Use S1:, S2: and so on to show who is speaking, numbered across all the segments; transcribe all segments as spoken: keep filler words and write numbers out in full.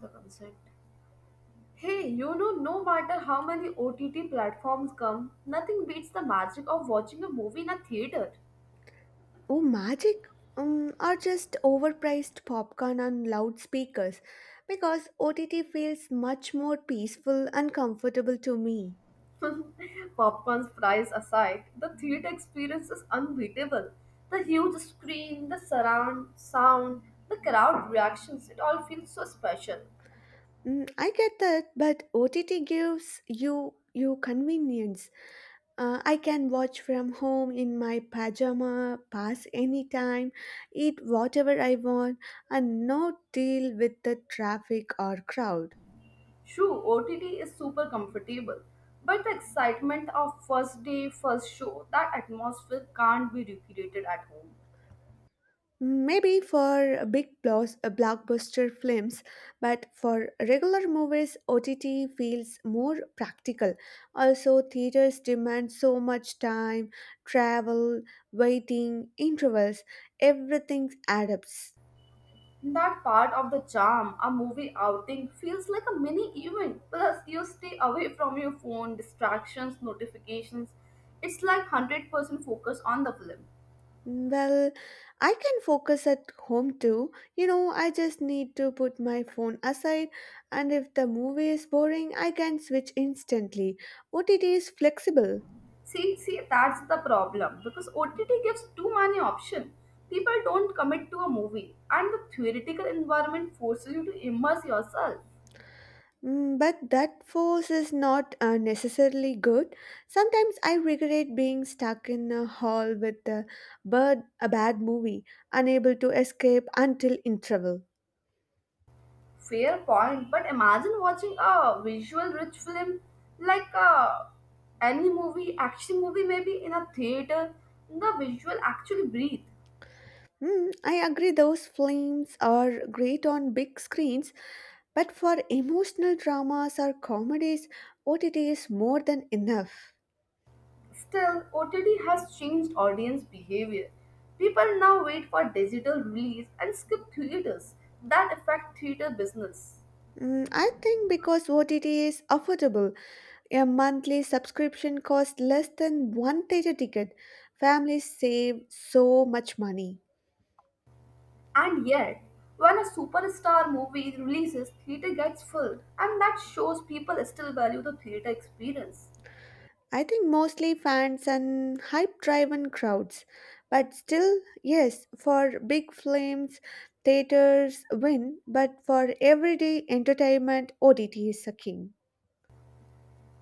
S1: The concept. Hey, you know, no matter how many O T T platforms come, nothing beats the magic of watching a movie in a theater.
S2: Oh, magic? Um, or just overpriced popcorn on loudspeakers because O T T feels much more peaceful and comfortable to me.
S1: Popcorn's price aside, the theater experience is unbeatable. The huge screen, the surround sound, the crowd reactions, it all feels so special.
S2: Mm, I get that, but O T T gives you you convenience. Uh, I can watch from home in my pajama, pass any time, eat whatever I want, and no deal with the traffic or crowd.
S1: True, O T T is super comfortable, but the excitement of first day, first show, that atmosphere can't be recreated at home.
S2: Maybe for big blows, uh, blockbuster films, but for regular movies, O T T feels more practical. Also, theaters demand so much time, travel, waiting, intervals, everything adds up.
S1: That part of the charm, a movie outing feels like a mini event. Plus, you stay away from your phone, distractions, notifications. It's like one hundred percent focus on the film.
S2: Well, I can focus at home too. You know, I just need to put my phone aside, and if the movie is boring, I can switch instantly. O T T is flexible.
S1: See, see, that's the problem because O T T gives too many options. People don't commit to a movie, and the theoretical environment forces you to immerse yourself.
S2: Mm, but that force is not uh, necessarily good. Sometimes I regret being stuck in a hall with a, bird, a bad movie, unable to escape until interval.
S1: Fair point, but imagine watching a visual rich film like uh, any movie, action movie, maybe in a theater, the visual actually breathe.
S2: Mm, I agree, those films are great on big screens, but for emotional dramas or comedies, O T T is more than enough.
S1: Still, O T T has changed audience behavior. People now wait for digital release and skip theaters that affect theater business.
S2: Mm, I think because O T T is affordable, a monthly subscription costs less than one theater ticket. Families save so much money.
S1: And yet, when a superstar movie releases, theater gets full, and that shows people still value the theater experience.
S2: I think mostly fans and hype driven crowds. But still, yes, for big films, theaters win, but for everyday entertainment, O T T is a king.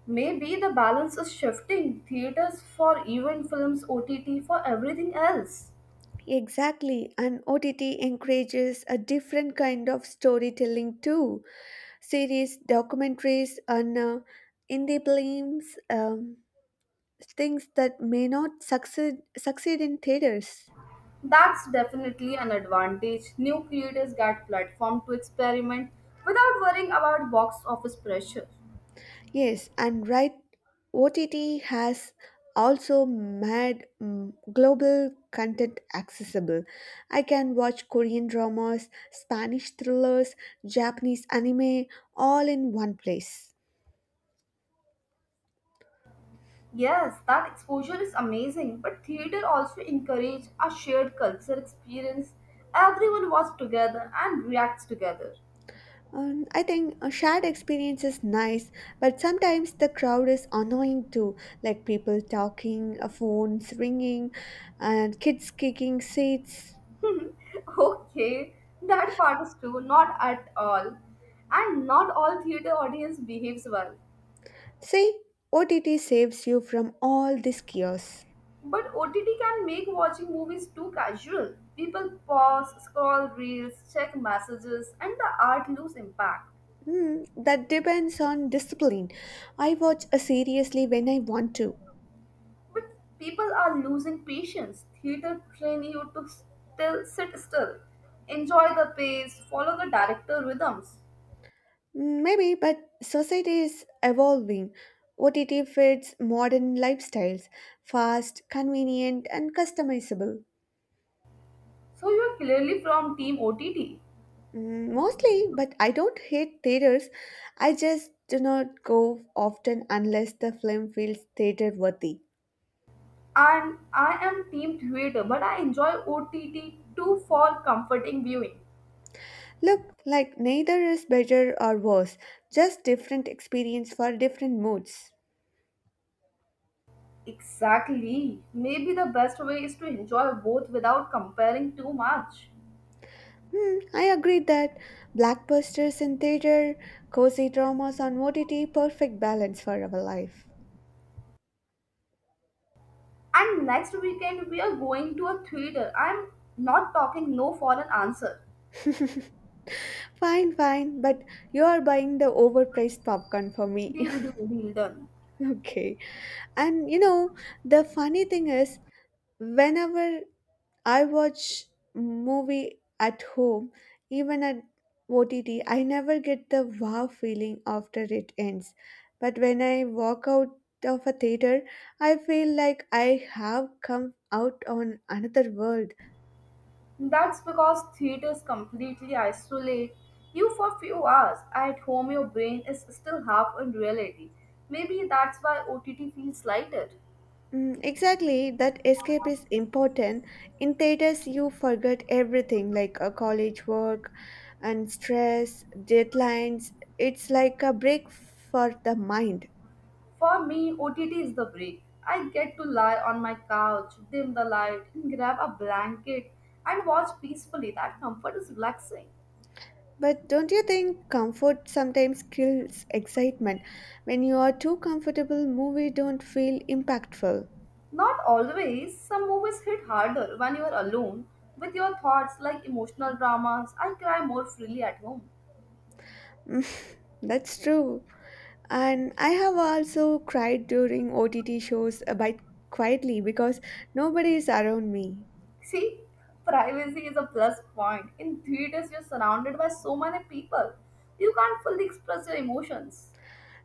S1: Maybe the balance is shifting theaters for event films, O T T for everything else.
S2: Exactly, and O T T encourages a different kind of storytelling too series, documentaries, and uh, indie films, um, things that may not succeed succeed in theaters.
S1: That's definitely an advantage. New creators get platform to experiment without worrying about box office pressure.
S2: Yes, and right, O T T has also made mm, global content accessible. I can watch Korean dramas, Spanish thrillers, Japanese anime, all in one place.
S1: Yes, that exposure is amazing, but theater also encourage a shared culture experience. Everyone watches together and reacts together.
S2: Um, I think a shared experience is nice, but sometimes the crowd is annoying too, like people talking, uh, phones ringing, and kids kicking seats.
S1: Okay, that part is true, not at all. And not all theater audience behaves well.
S2: See, O T T saves you from all this chaos.
S1: But O T T can make watching movies too casual. People pause, scroll reels, check messages, and the art lose impact.
S2: Hmm, that depends on discipline. I watch uh, seriously when I want to.
S1: But people are losing patience. Theater train you to still sit still, enjoy the pace, follow the director rhythms.
S2: Mm, maybe, but society is evolving. O T T fits modern lifestyles, fast, convenient, and customizable.
S1: So you are clearly from team O T T,
S2: Mm, mostly, but I don't hate theaters. I just do not go often unless the film feels theater worthy.
S1: and I am team theater, but I enjoy O T T too for comforting viewing.
S2: Look, like neither is better or worse, just different experience for different moods.
S1: Exactly. Maybe the best way is to enjoy both without comparing too much.
S2: Hmm, I agree that blackbusters in theater, cozy dramas on O T T, perfect balance for our life.
S1: And next weekend we are going to a theater. I'm not talking no for an answer.
S2: Fine, fine, but you are buying the overpriced popcorn for me.
S1: Deal, deal, deal done.
S2: Okay. And you know, the funny thing is, whenever I watch movie at home, even at O T T, I never get the wow feeling after it ends. But when I walk out of a theater, I feel like I have come out on another world.
S1: That's because theaters completely isolate you for few hours. At home your brain is still half in reality. Maybe that's why O T T feels lighter.
S2: Mm, exactly, that escape is important. In theaters, you forget everything like uh, college work and stress, deadlines. It's like a break for the mind.
S1: For me, O T T is the break. I get to lie on my couch, dim the light, and grab a blanket and watch peacefully. That comfort is relaxing.
S2: But don't you think comfort sometimes kills excitement? When you are too comfortable, movie don't feel impactful.
S1: Not always, some movies hit harder when you are alone with your thoughts like emotional dramas. I cry more freely at home.
S2: That's true. And I have also cried during O T T shows uh, by quietly because nobody is around me.
S1: See, privacy is a plus point. In theaters, you're surrounded by so many people, you can't fully express your emotions.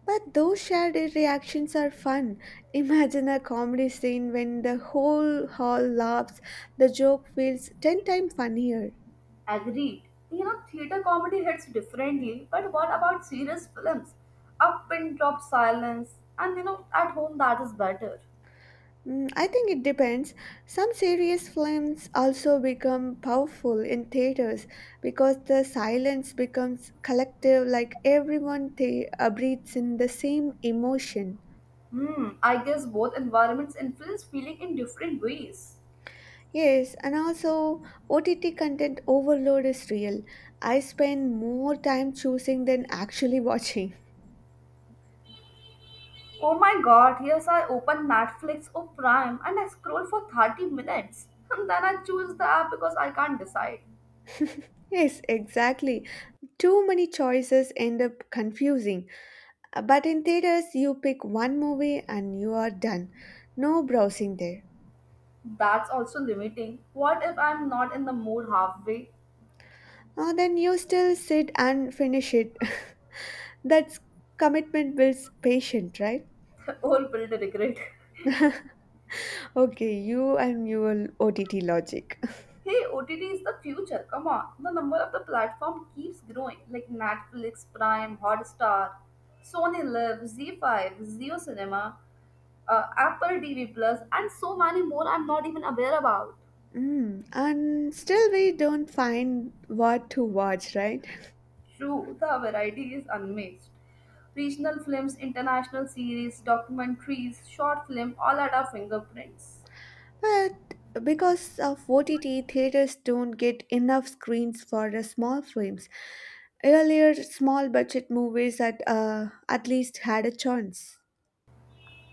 S2: But those shared reactions are fun. Imagine a comedy scene when the whole hall laughs, the joke feels ten times funnier.
S1: Agreed. You know, theatre comedy hits differently, but what about serious films? Up and drop silence, and you know, at home that is better.
S2: Mm, I think it depends. Some serious films also become powerful in theaters because the silence becomes collective, like everyone th- uh, breathes in the same emotion.
S1: Hmm, I guess both environments influence feeling in different ways.
S2: Yes, and also O T T content overload is real. I spend more time choosing than actually watching.
S1: Oh my god, yes, I open Netflix or Prime and I scroll for thirty minutes, and then I choose the app because I can't decide.
S2: Yes, exactly. Too many choices end up confusing. Uh, But in theaters, you pick one movie and you are done. No browsing there.
S1: That's also limiting. What if I'm not in the mood halfway?
S2: Uh, then you still sit and finish it. That's commitment builds patience, right?
S1: Or will regret?
S2: Okay, you and your O T T logic.
S1: Hey, O T T is the future. Come on. The number of the platform keeps growing like Netflix, Prime, Hotstar, Sony Live, Z five, Zio Cinema, uh, Apple T V Plus, and so many more I'm not even aware about.
S2: Mm, and still, we don't find what to watch, right?
S1: True, the variety is unmixed. Regional films, international series, documentaries, short film, all at our fingerprints.
S2: But because of O T T, theaters don't get enough screens for the small films. Earlier, small budget movies at uh, at least had a chance.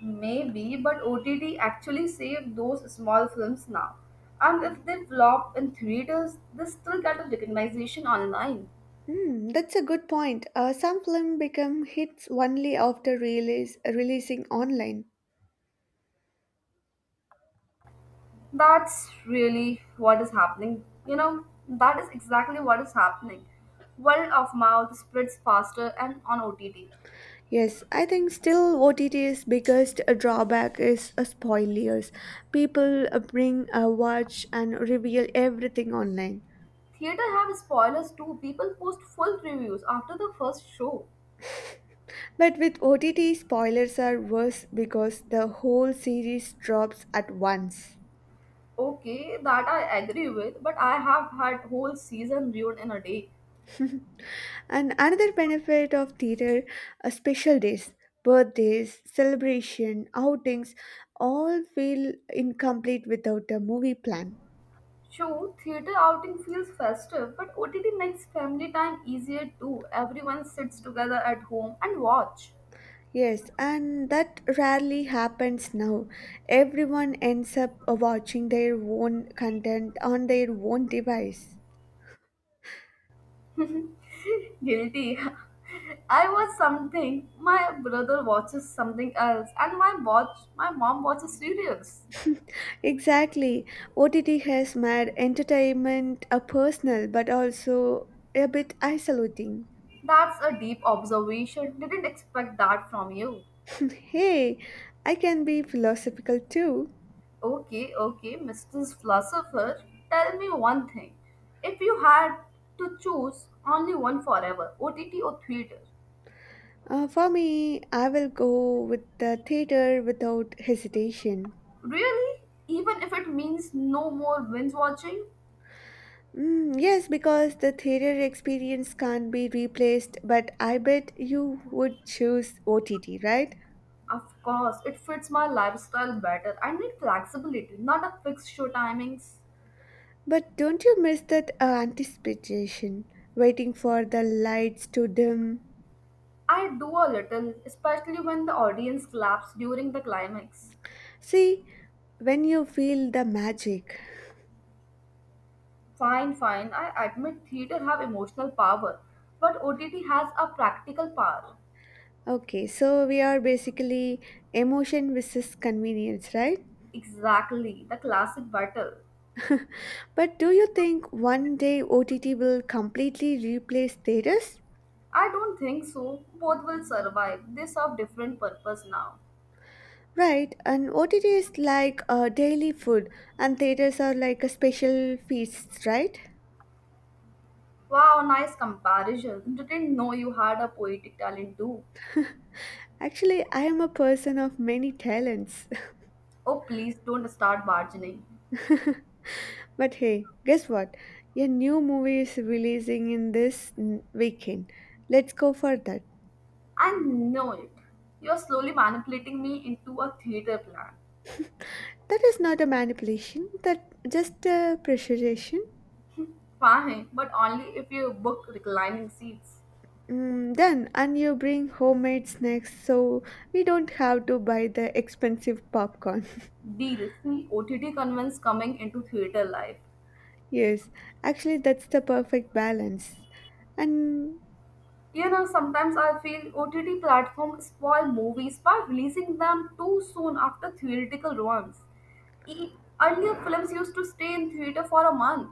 S1: Maybe, but O T T actually saved those small films now. And if they flop in theaters, they still get a recognition online.
S2: Hmm, that's a good point. Uh, some films become hits only after release, releasing online.
S1: That's really what is happening. You know, that is exactly what is happening. Word of mouth spreads faster and on O T T.
S2: Yes, I think still O T T's biggest drawback is uh, spoilers. People uh, bring a watch and reveal everything online.
S1: Theater have spoilers too. People post full reviews after the first show.
S2: But with O T T, spoilers are worse because the whole series drops at once.
S1: Okay, that I agree with, but I have had whole season ruined in a day.
S2: And another benefit of theater are special days, birthdays, celebration, outings all feel incomplete without a movie plan.
S1: True, theater outing feels festive, but O T T makes family time easier too. Everyone sits together at home and watch.
S2: Yes, and that rarely happens now. Everyone ends up watching their own content on their own device.
S1: Guilty. I watch something, my brother watches something else, and my watch my mom watches serials.
S2: Exactly. O T T has made entertainment a personal but also a bit isolating.
S1: That's a deep observation. Didn't expect that from you.
S2: Hey, I can be philosophical too.
S1: Okay, okay, Missus Philosopher, tell me one thing. If you had to choose only one forever, O T T or theater,
S2: Uh, for me, I will go with the theater without hesitation.
S1: really? Even if it means no more binge watching?
S2: Mm, yes, because the theater experience can't be replaced, but I bet you would choose O T T, right?
S1: Of course, it fits my lifestyle better. I need flexibility, not a fixed show timings.
S2: But don't you miss that uh, anticipation, waiting for the lights to dim?
S1: I do a little, especially when the audience claps during the climax.
S2: See, when you feel the magic.
S1: Fine, fine, I admit theater have emotional power, but O T T has a practical power.
S2: Okay, so we are basically emotion versus convenience, right?
S1: Exactly, the classic battle.
S2: But do you think one day O T T will completely replace theaters?
S1: I don't think so. Both will survive. They serve different purpose now.
S2: Right, and O T T is like a daily food, and theaters are like a special feasts, right?
S1: Wow, nice comparison. Didn't know you had a poetic talent too.
S2: Actually, I am a person of many talents.
S1: Oh, please don't start bargaining.
S2: But hey, guess what? A new movie is releasing in this n- weekend. Let's go for that.
S1: I know it. You're slowly manipulating me into a theater plan.
S2: That is not a manipulation, that just a pressurization.
S1: Fine, but only if you book reclining seats.
S2: Mm, done, and you bring homemade snacks so we don't have to buy the expensive popcorn.
S1: Deal. See, O T T convents coming into theater life.
S2: Yes, actually, that's the perfect balance. And
S1: You know, sometimes I feel O T T platforms spoil movies by releasing them too soon after theoretical ones. E- Earlier films used to stay in theater for a month.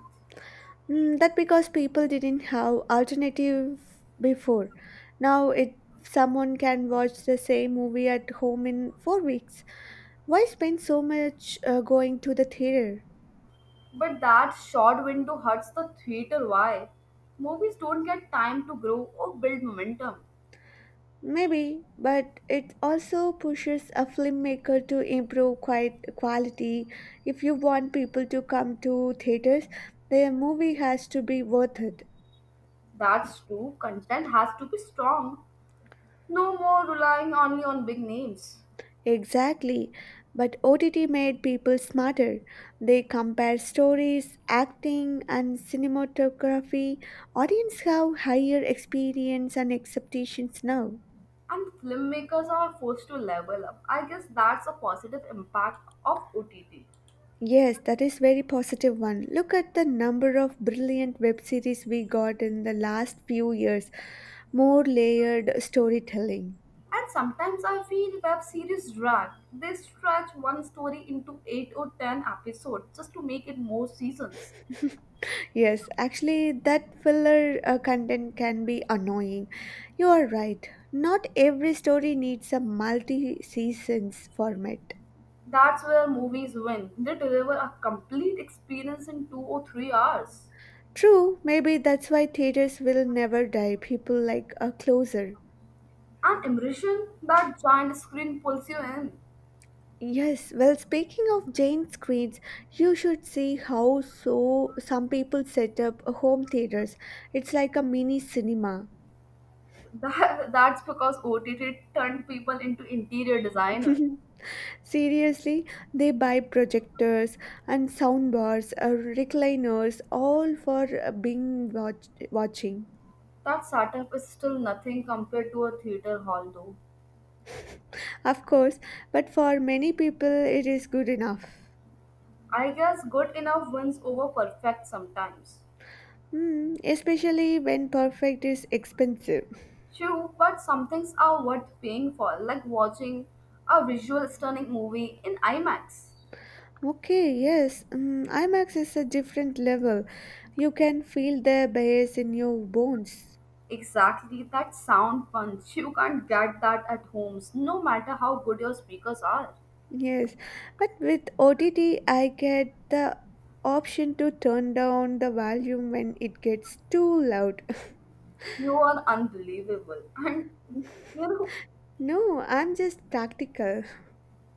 S2: mm, that because people didn't have alternative before. Now it someone can watch the same movie at home in four weeks. Why spend so much uh, going to the theater?
S1: But that short window hurts the theater. Why? Movies don't get time to grow or build momentum.
S2: Maybe, but it also pushes a filmmaker to improve quite quality. If you want people to come to theaters, their movie has to be worth it.
S1: That's true. Content has to be strong. No more relying only on big names.
S2: Exactly. But O T T made people smarter. They compare stories, acting, and cinematography. Audience have higher experience and expectations now.
S1: And filmmakers are forced to level up. I guess that's a positive impact of O T T.
S2: Yes, that is very positive one. Look at the number of brilliant web series we got in the last few years. More layered storytelling.
S1: And sometimes I feel web series drag. They stretch one story into eight or ten episodes just to make it more seasons.
S2: Yes, actually, that filler uh, content can be annoying. You are right. Not every story needs a multi seasons format.
S1: That's where movies win. They deliver a complete experience in two or three hours.
S2: True, maybe that's why theaters will never die. People like a closer.
S1: And immersion, that giant screen pulls you in.
S2: Yes, well, speaking of Jane screens, you should see how so some people set up home theaters. It's like a mini cinema.
S1: That, that's because O T T turned people into interior designers.
S2: Seriously, they buy projectors and soundbars, uh, recliners, all for uh, being watch- watching.
S1: That setup is still nothing compared to a theater hall, though.
S2: Of course, but for many people, it is good enough.
S1: I guess good enough wins over perfect sometimes.
S2: Hmm, especially when perfect is expensive.
S1: True, but some things are worth paying for, like watching a visual stunning movie in IMAX.
S2: Okay, yes, mm, IMAX is a different level. You can feel the bass in your bones.
S1: Exactly, that sound punch. You can't get that at homes, no matter how good your speakers are.
S2: Yes, but with O T T, I get the option to turn down the volume when it gets too loud.
S1: You are unbelievable. And, you know,
S2: No, I'm just practical.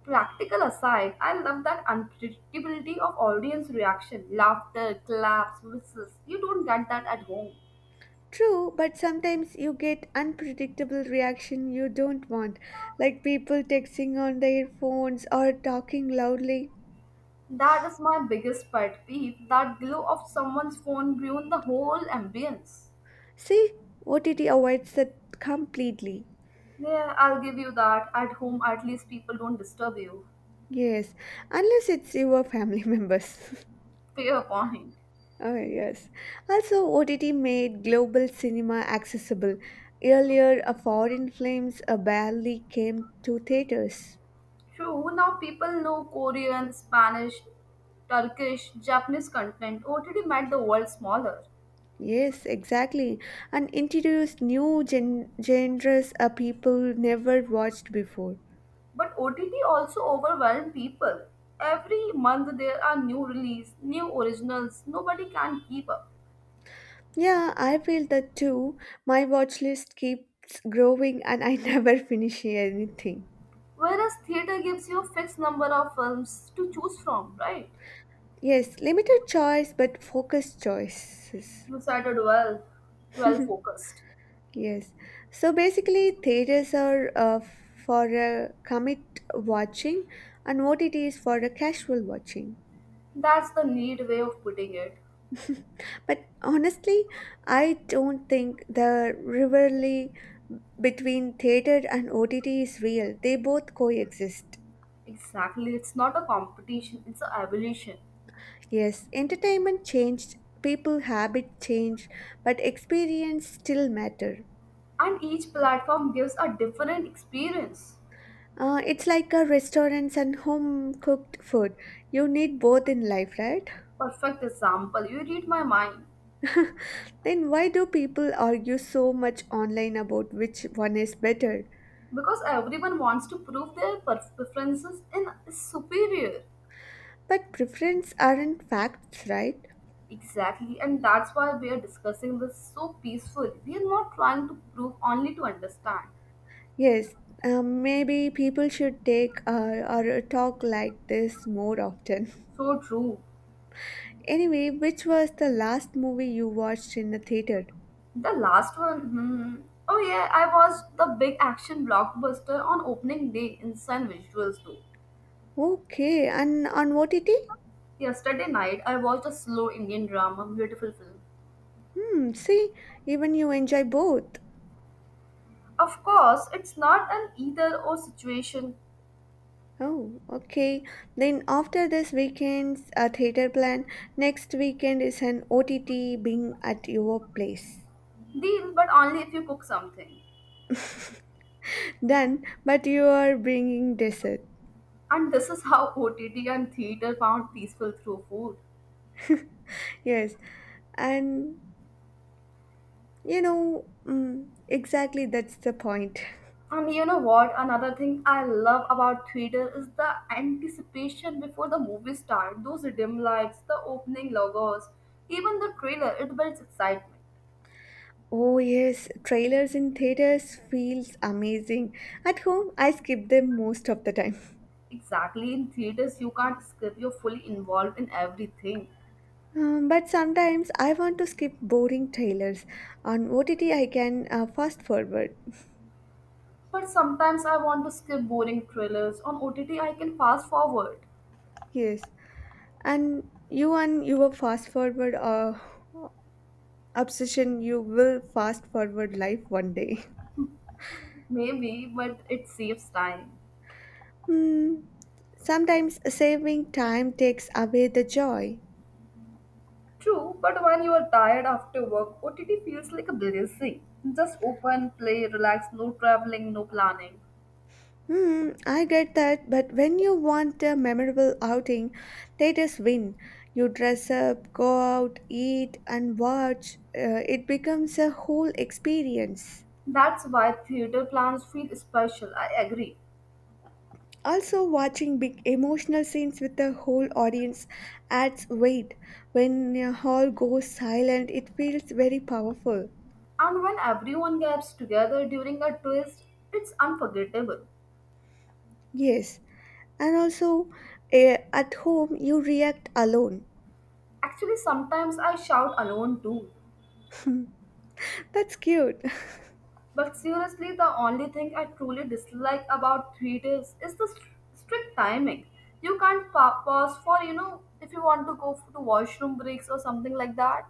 S1: practical aside, I love that unpredictability of audience reaction laughter, claps, whistles. You don't get that at home.
S2: True, but sometimes you get unpredictable reaction you don't want, like people texting on their phones or talking loudly.
S1: That is my biggest pet peeve that glow of someone's phone ruined the whole ambience.
S2: See, O T T avoids that completely.
S1: Yeah, I'll give you that. At home, at least people don't disturb you.
S2: Yes, unless it's your family members.
S1: Fair point.
S2: Oh yes. Also, O T T made global cinema accessible. Earlier, a foreign films uh, barely came to theaters.
S1: True, now people know Korean, Spanish, Turkish, Japanese content. O T T made the world smaller.
S2: Yes, exactly. And introduced new gen- genres uh, people never watched before.
S1: But O T T also overwhelmed people. Every month there are new release, new originals. Nobody can keep up.
S2: Yeah, I feel that too. My watch list keeps growing and I never finish anything.
S1: Whereas theater gives you a fixed number of films to choose from, right?
S2: Yes, limited choice but focused choices.
S1: You said it well. Well focused.
S2: Yes. So basically, theaters are uh, for uh, commit watching and O T T is for a casual watching.
S1: That's the neat way of putting it.
S2: But honestly, I don't think the rivalry between theater and O T T is real. They both coexist.
S1: Exactly. It's not a competition, it's an evolution.
S2: Yes, entertainment changed, people habit changed, but experience still matter.
S1: And each platform gives a different experience.
S2: Uh, it's like a restaurants and home cooked food. You need both in life, right?
S1: Perfect example, you read my mind.
S2: Then why do people argue so much online about which one is better?
S1: Because everyone wants to prove their pref- preferences in is superior.
S2: But preference aren't facts, right?
S1: Exactly, and that's why we are discussing this so peacefully. We are not trying to prove, only to understand.
S2: Yes, um, maybe people should take uh, or a talk like this more often.
S1: So true.
S2: Anyway, which was the last movie you watched in the theater?
S1: The last one, hmm. Oh yeah, I watched the big action blockbuster on opening day. Insane visuals too.
S2: Okay, and on O T T?
S1: Yesterday night, I watched a slow Indian drama, beautiful film.
S2: Hmm, see, even you enjoy both.
S1: Of course, it's not an either or situation
S2: Oh, okay. Then after this weekend's a theater plan, next weekend is an O T T being at your place.
S1: deal, but only if you cook something.
S2: Done, but you are bringing dessert.
S1: And this is how O T T and theater found peaceful through food.
S2: Yes, and you know, mm, exactly that's the point.
S1: And you know what? Another thing I love about theater is the anticipation before the movie starts. Those dim lights, the opening logos, even the trailer, it builds excitement.
S2: Oh yes, trailers in theaters feels amazing. At home, I skip them most of the time.
S1: Exactly, in theaters you can't skip, you're fully involved in everything.
S2: Um, but sometimes I want to skip boring trailers. On O T T I can uh, fast forward.
S1: But sometimes I want to skip boring trailers. On O T T, I can fast forward.
S2: Yes. And you and your fast forward uh, obsession you will fast forward life one day.
S1: Maybe, but it saves time.
S2: Hmm. Sometimes saving time takes away the joy.
S1: True, but when you are tired after work, O T T feels like a blessing. Just open, play, relax, no traveling, no planning.
S2: Hmm. I get that but when you want a memorable outing they just win, you dress up go out eat and watch, uh, it becomes a whole experience.
S1: That's why theater plans feel special, I agree.
S2: Also, watching big emotional scenes with the whole audience adds weight. When a hall goes silent, it feels very powerful.
S1: And when everyone gets together during a twist, it's unforgettable.
S2: Yes, and also eh, at home, you react alone.
S1: Actually, sometimes I shout alone too.
S2: That's cute.
S1: But seriously, the only thing I truly dislike about theaters is the str- strict timing. You can't pa- pause for, you know, if you want to go for to washroom breaks or something like that.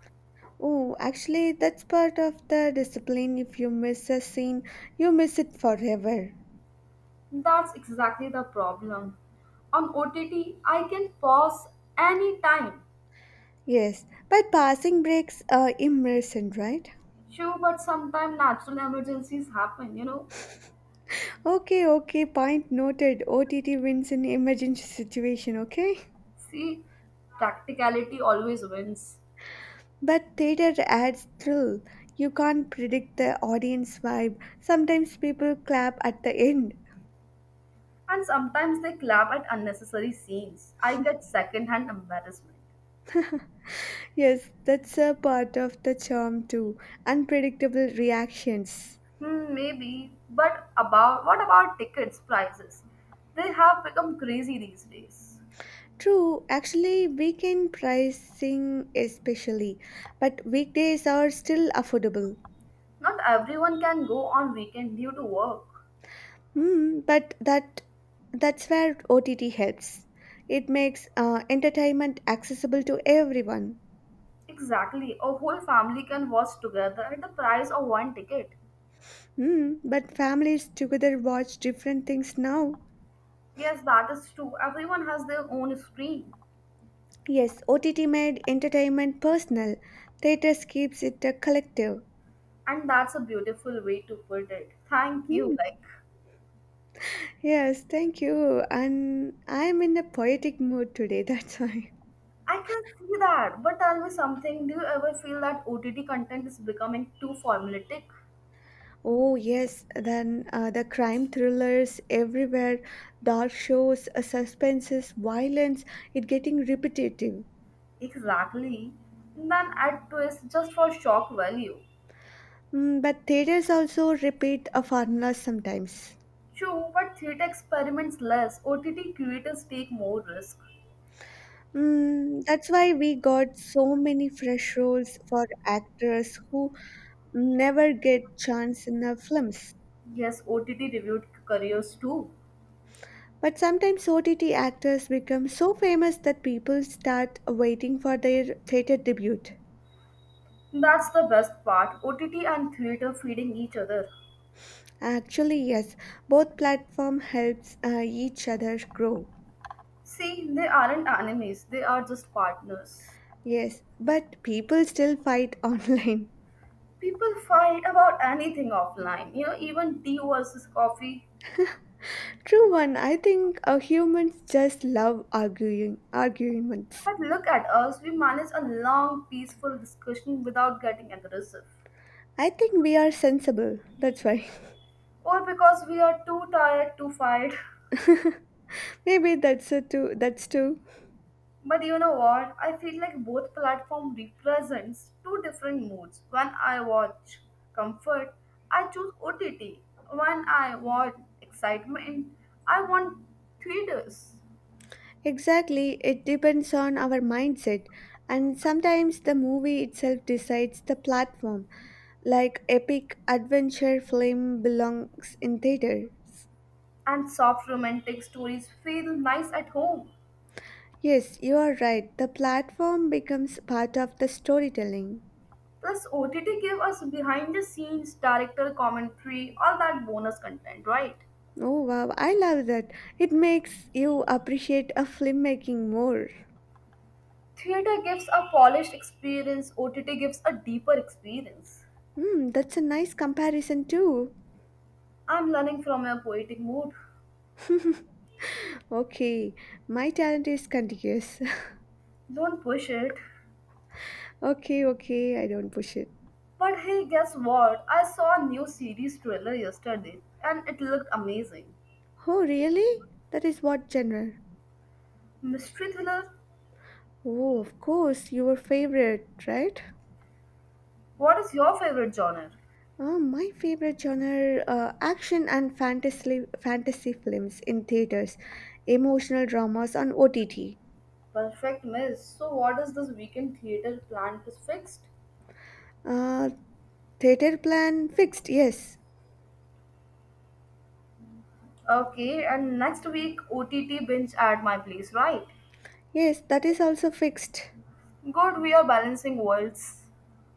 S2: Oh, actually, that's part of the discipline. If you miss a scene, you miss it forever.
S1: That's exactly the problem. On O T T, I can pause any time.
S2: Yes, but passing breaks are immersion, right?
S1: Sure, but sometimes natural emergencies happen, you know.
S2: Okay, okay, point noted. O T T wins in emergency situation, okay?
S1: See, practicality always wins.
S2: But theater adds thrill. You can't predict the audience vibe. Sometimes people clap at the end.
S1: And sometimes they clap at unnecessary scenes. I get secondhand embarrassment.
S2: Yes, that's a part of the charm too. Unpredictable reactions.
S1: Hmm, maybe. But about what about tickets prices? They have become crazy these days.
S2: True, actually, weekend pricing especially, but weekdays are still affordable.
S1: Not everyone can go on weekend due to work.
S2: Hmm, but that that's where O T T helps. It makes uh, entertainment accessible to everyone.
S1: Exactly. A whole family can watch together at the price of one ticket.
S2: Hmm, but families together watch different things now.
S1: Yes, that is true. Everyone has their own screen.
S2: Yes, O T T made entertainment personal. Theatres keeps it a collective.
S1: And that's a beautiful way to put it. Thank you.
S2: Hmm.
S1: Like
S2: Yes, thank you. And I am in a poetic mood today, that's why.
S1: I can see that. But tell me something, do you ever feel that O T T content is becoming too formulaic?
S2: Oh, yes, then uh, the crime thrillers everywhere, dark shows, uh, suspenses, violence, it getting repetitive.
S1: Exactly. Then add twist just for shock value.
S2: Mm, but theaters also repeat a formula sometimes.
S1: True, but theater experiments less. O T T creators take more risk.
S2: Mm, that's why we got so many fresh roles for actors who never get chance in our films.
S1: Yes, O T T reviewed careers too.
S2: But sometimes O T T actors become so famous that people start waiting for their theater debut.
S1: That's the best part. O T T and theater feeding each other.
S2: Actually, yes, both platform helps uh, each other grow.
S1: See, they aren't enemies. They are just partners.
S2: Yes, but people still fight online.
S1: People fight about anything offline. You know, even tea versus coffee.
S2: True one, I think uh, humans just love arguing arguments.
S1: But look at us. We manage a long, peaceful discussion without getting aggressive.
S2: I think we are sensible. That's why.
S1: Or because we are too tired to fight.
S2: Maybe that's it too. That's too.
S1: But you know what? I feel like both platform represents two different moods. When I watch comfort, I choose O T T. When I watch excitement, I want theaters.
S2: Exactly, it depends on our mindset, and sometimes the movie itself decides the platform, like epic adventure film belongs in theaters.
S1: And soft romantic stories feel nice at home.
S2: Yes, you are right. The platform becomes part of the storytelling.
S1: Plus, O T T give us behind the scenes, director commentary, all that bonus content, right?
S2: Oh wow, I love that. It makes you appreciate a filmmaking more.
S1: Theater gives a polished experience, O T T gives a deeper experience.
S2: Hmm, that's a nice comparison too.
S1: I'm learning from your poetic mood.
S2: okay, my talent is contiguous.
S1: Don't push it.
S2: okay, okay, I don't push it.
S1: But hey, guess what? I saw a new series trailer yesterday and it looked amazing.
S2: Oh, really? That is what genre?
S1: Mystery thriller?
S2: Oh, of course, your favorite, right?
S1: What is your favorite genre?
S2: Uh, my favorite genre uh, action and fantasy fantasy films in theaters, emotional dramas on O T T.
S1: Perfect miss. So, what is this weekend theater plan is fixed?
S2: Uh, theater plan fixed, yes.
S1: Okay, and next week O T T binge at my place, right?
S2: Yes, that is also fixed.
S1: Good, we are balancing worlds.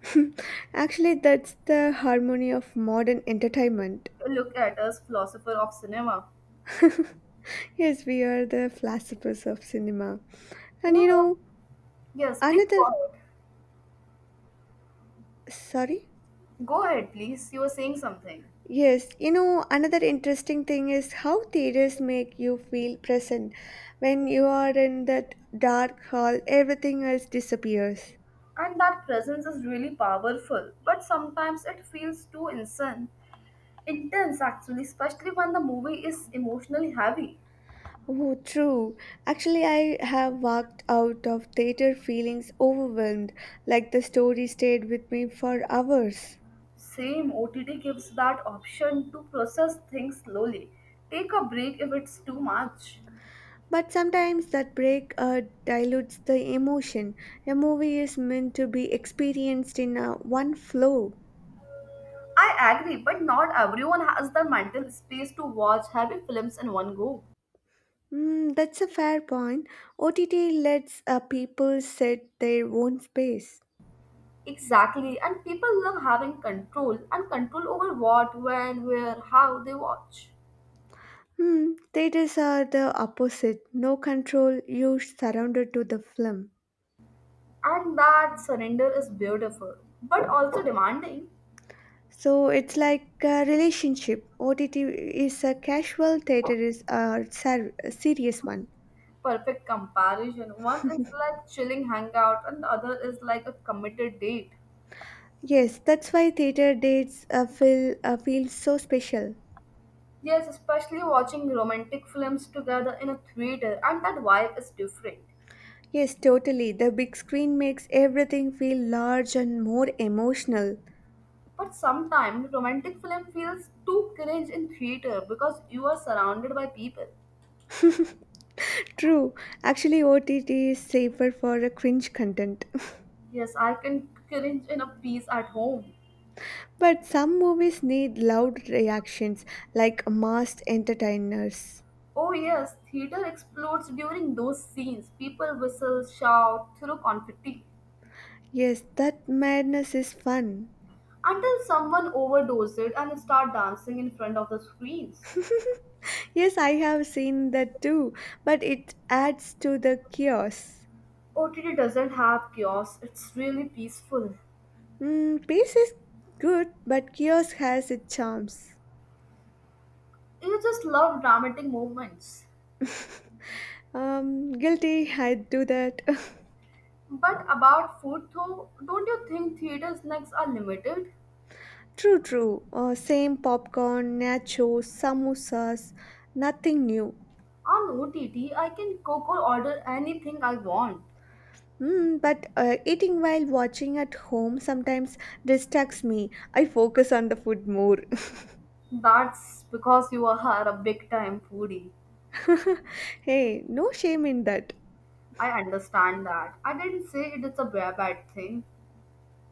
S2: Actually, that's the harmony of modern entertainment.
S1: Look at us, philosopher of cinema.
S2: yes, we are the philosophers of cinema. And you
S1: Yeah.
S2: know,
S1: Yes, please go
S2: another.
S1: ahead.
S2: Sorry?
S1: Go ahead, please. You were saying something.
S2: Yes, you know, another interesting thing is how theaters make you feel present. When you are in that dark hall, everything else disappears.
S1: And that presence is really powerful, but sometimes it feels too insane, intense actually, especially when the movie is emotionally heavy.
S2: Oh, true. Actually, I have walked out of theater feelings overwhelmed, like the story stayed with me for hours.
S1: Same O T T gives that option to process things slowly. Take a break if it's too much.
S2: But sometimes that break uh, dilutes the emotion. A movie is meant to be experienced in a one flow.
S1: I agree, but not everyone has the mental space to watch heavy films in one go.
S2: Mm, that's a fair point. O T T lets uh, people set their own space.
S1: Exactly, and people love having control and control over what, when, where, how they watch.
S2: Hmm, theaters are the opposite. No control, you're surrounded to the film.
S1: And that surrender is beautiful, but also demanding.
S2: So it's like a relationship. O T T is a casual, theater is a, ser- a serious one.
S1: Perfect comparison. One is like chilling hangout, and the other is like a committed date.
S2: Yes, that's why theater dates uh, feel uh, feel so special.
S1: Yes, especially watching romantic films together in a theater, and that vibe is different.
S2: Yes, totally. The big screen makes everything feel large and more emotional.
S1: But sometimes romantic film feels too cringe in theater because you are surrounded by people.
S2: True, actually, O T T is safer for a cringe content.
S1: Yes, I can cringe in a piece at home.
S2: But some movies need loud reactions, like masked entertainers.
S1: Oh yes, theater explodes during those scenes. People whistle, shout, throw confetti.
S2: Yes, that madness is fun.
S1: Until someone overdoses and start dancing in front of the screens.
S2: Yes, I have seen that too, but it adds to the chaos.
S1: O T T doesn't have chaos, it's really peaceful.
S2: Mm, peace is good, but chaos has its charms.
S1: You just love dramatic moments.
S2: um, guilty, I do that.
S1: But about food though, don't you think theater snacks are limited?
S2: true, true. Uh, same popcorn, nachos, samosas, nothing new.
S1: On O T T, I can cook or order anything I want.
S2: Mm, but uh, eating while watching at home sometimes distracts me. I focus on the food more.
S1: That's because you are a big time foodie.
S2: hey, no shame in that.
S1: I understand that. I didn't say it is a bad bad thing.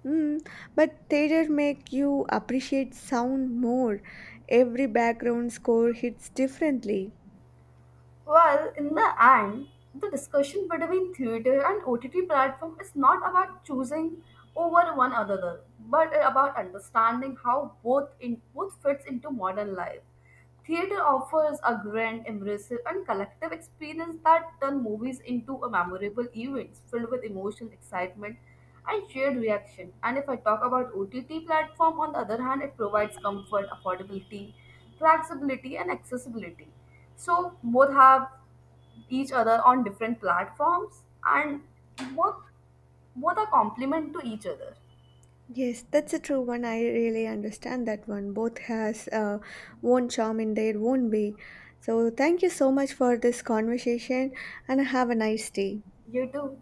S2: Mm, but theater make you appreciate sound more. Every background score hits differently.
S1: Well, in the end, the discussion between theater and O T T platform is not about choosing over one another, but about understanding how both in both fits into modern life. Theater offers a grand, immersive, and collective experience that turn movies into a memorable events filled with emotion, excitement, and shared reaction. And if I talk about O T T platform, on the other hand, it provides comfort, affordability, flexibility, and accessibility. So both have each other on different platforms, and both both are complement to each other.
S2: Yes, that's a true one. I really understand that one. Both has uh, own charm in their own way. So thank you so much for this conversation, and have a nice day.
S1: You too.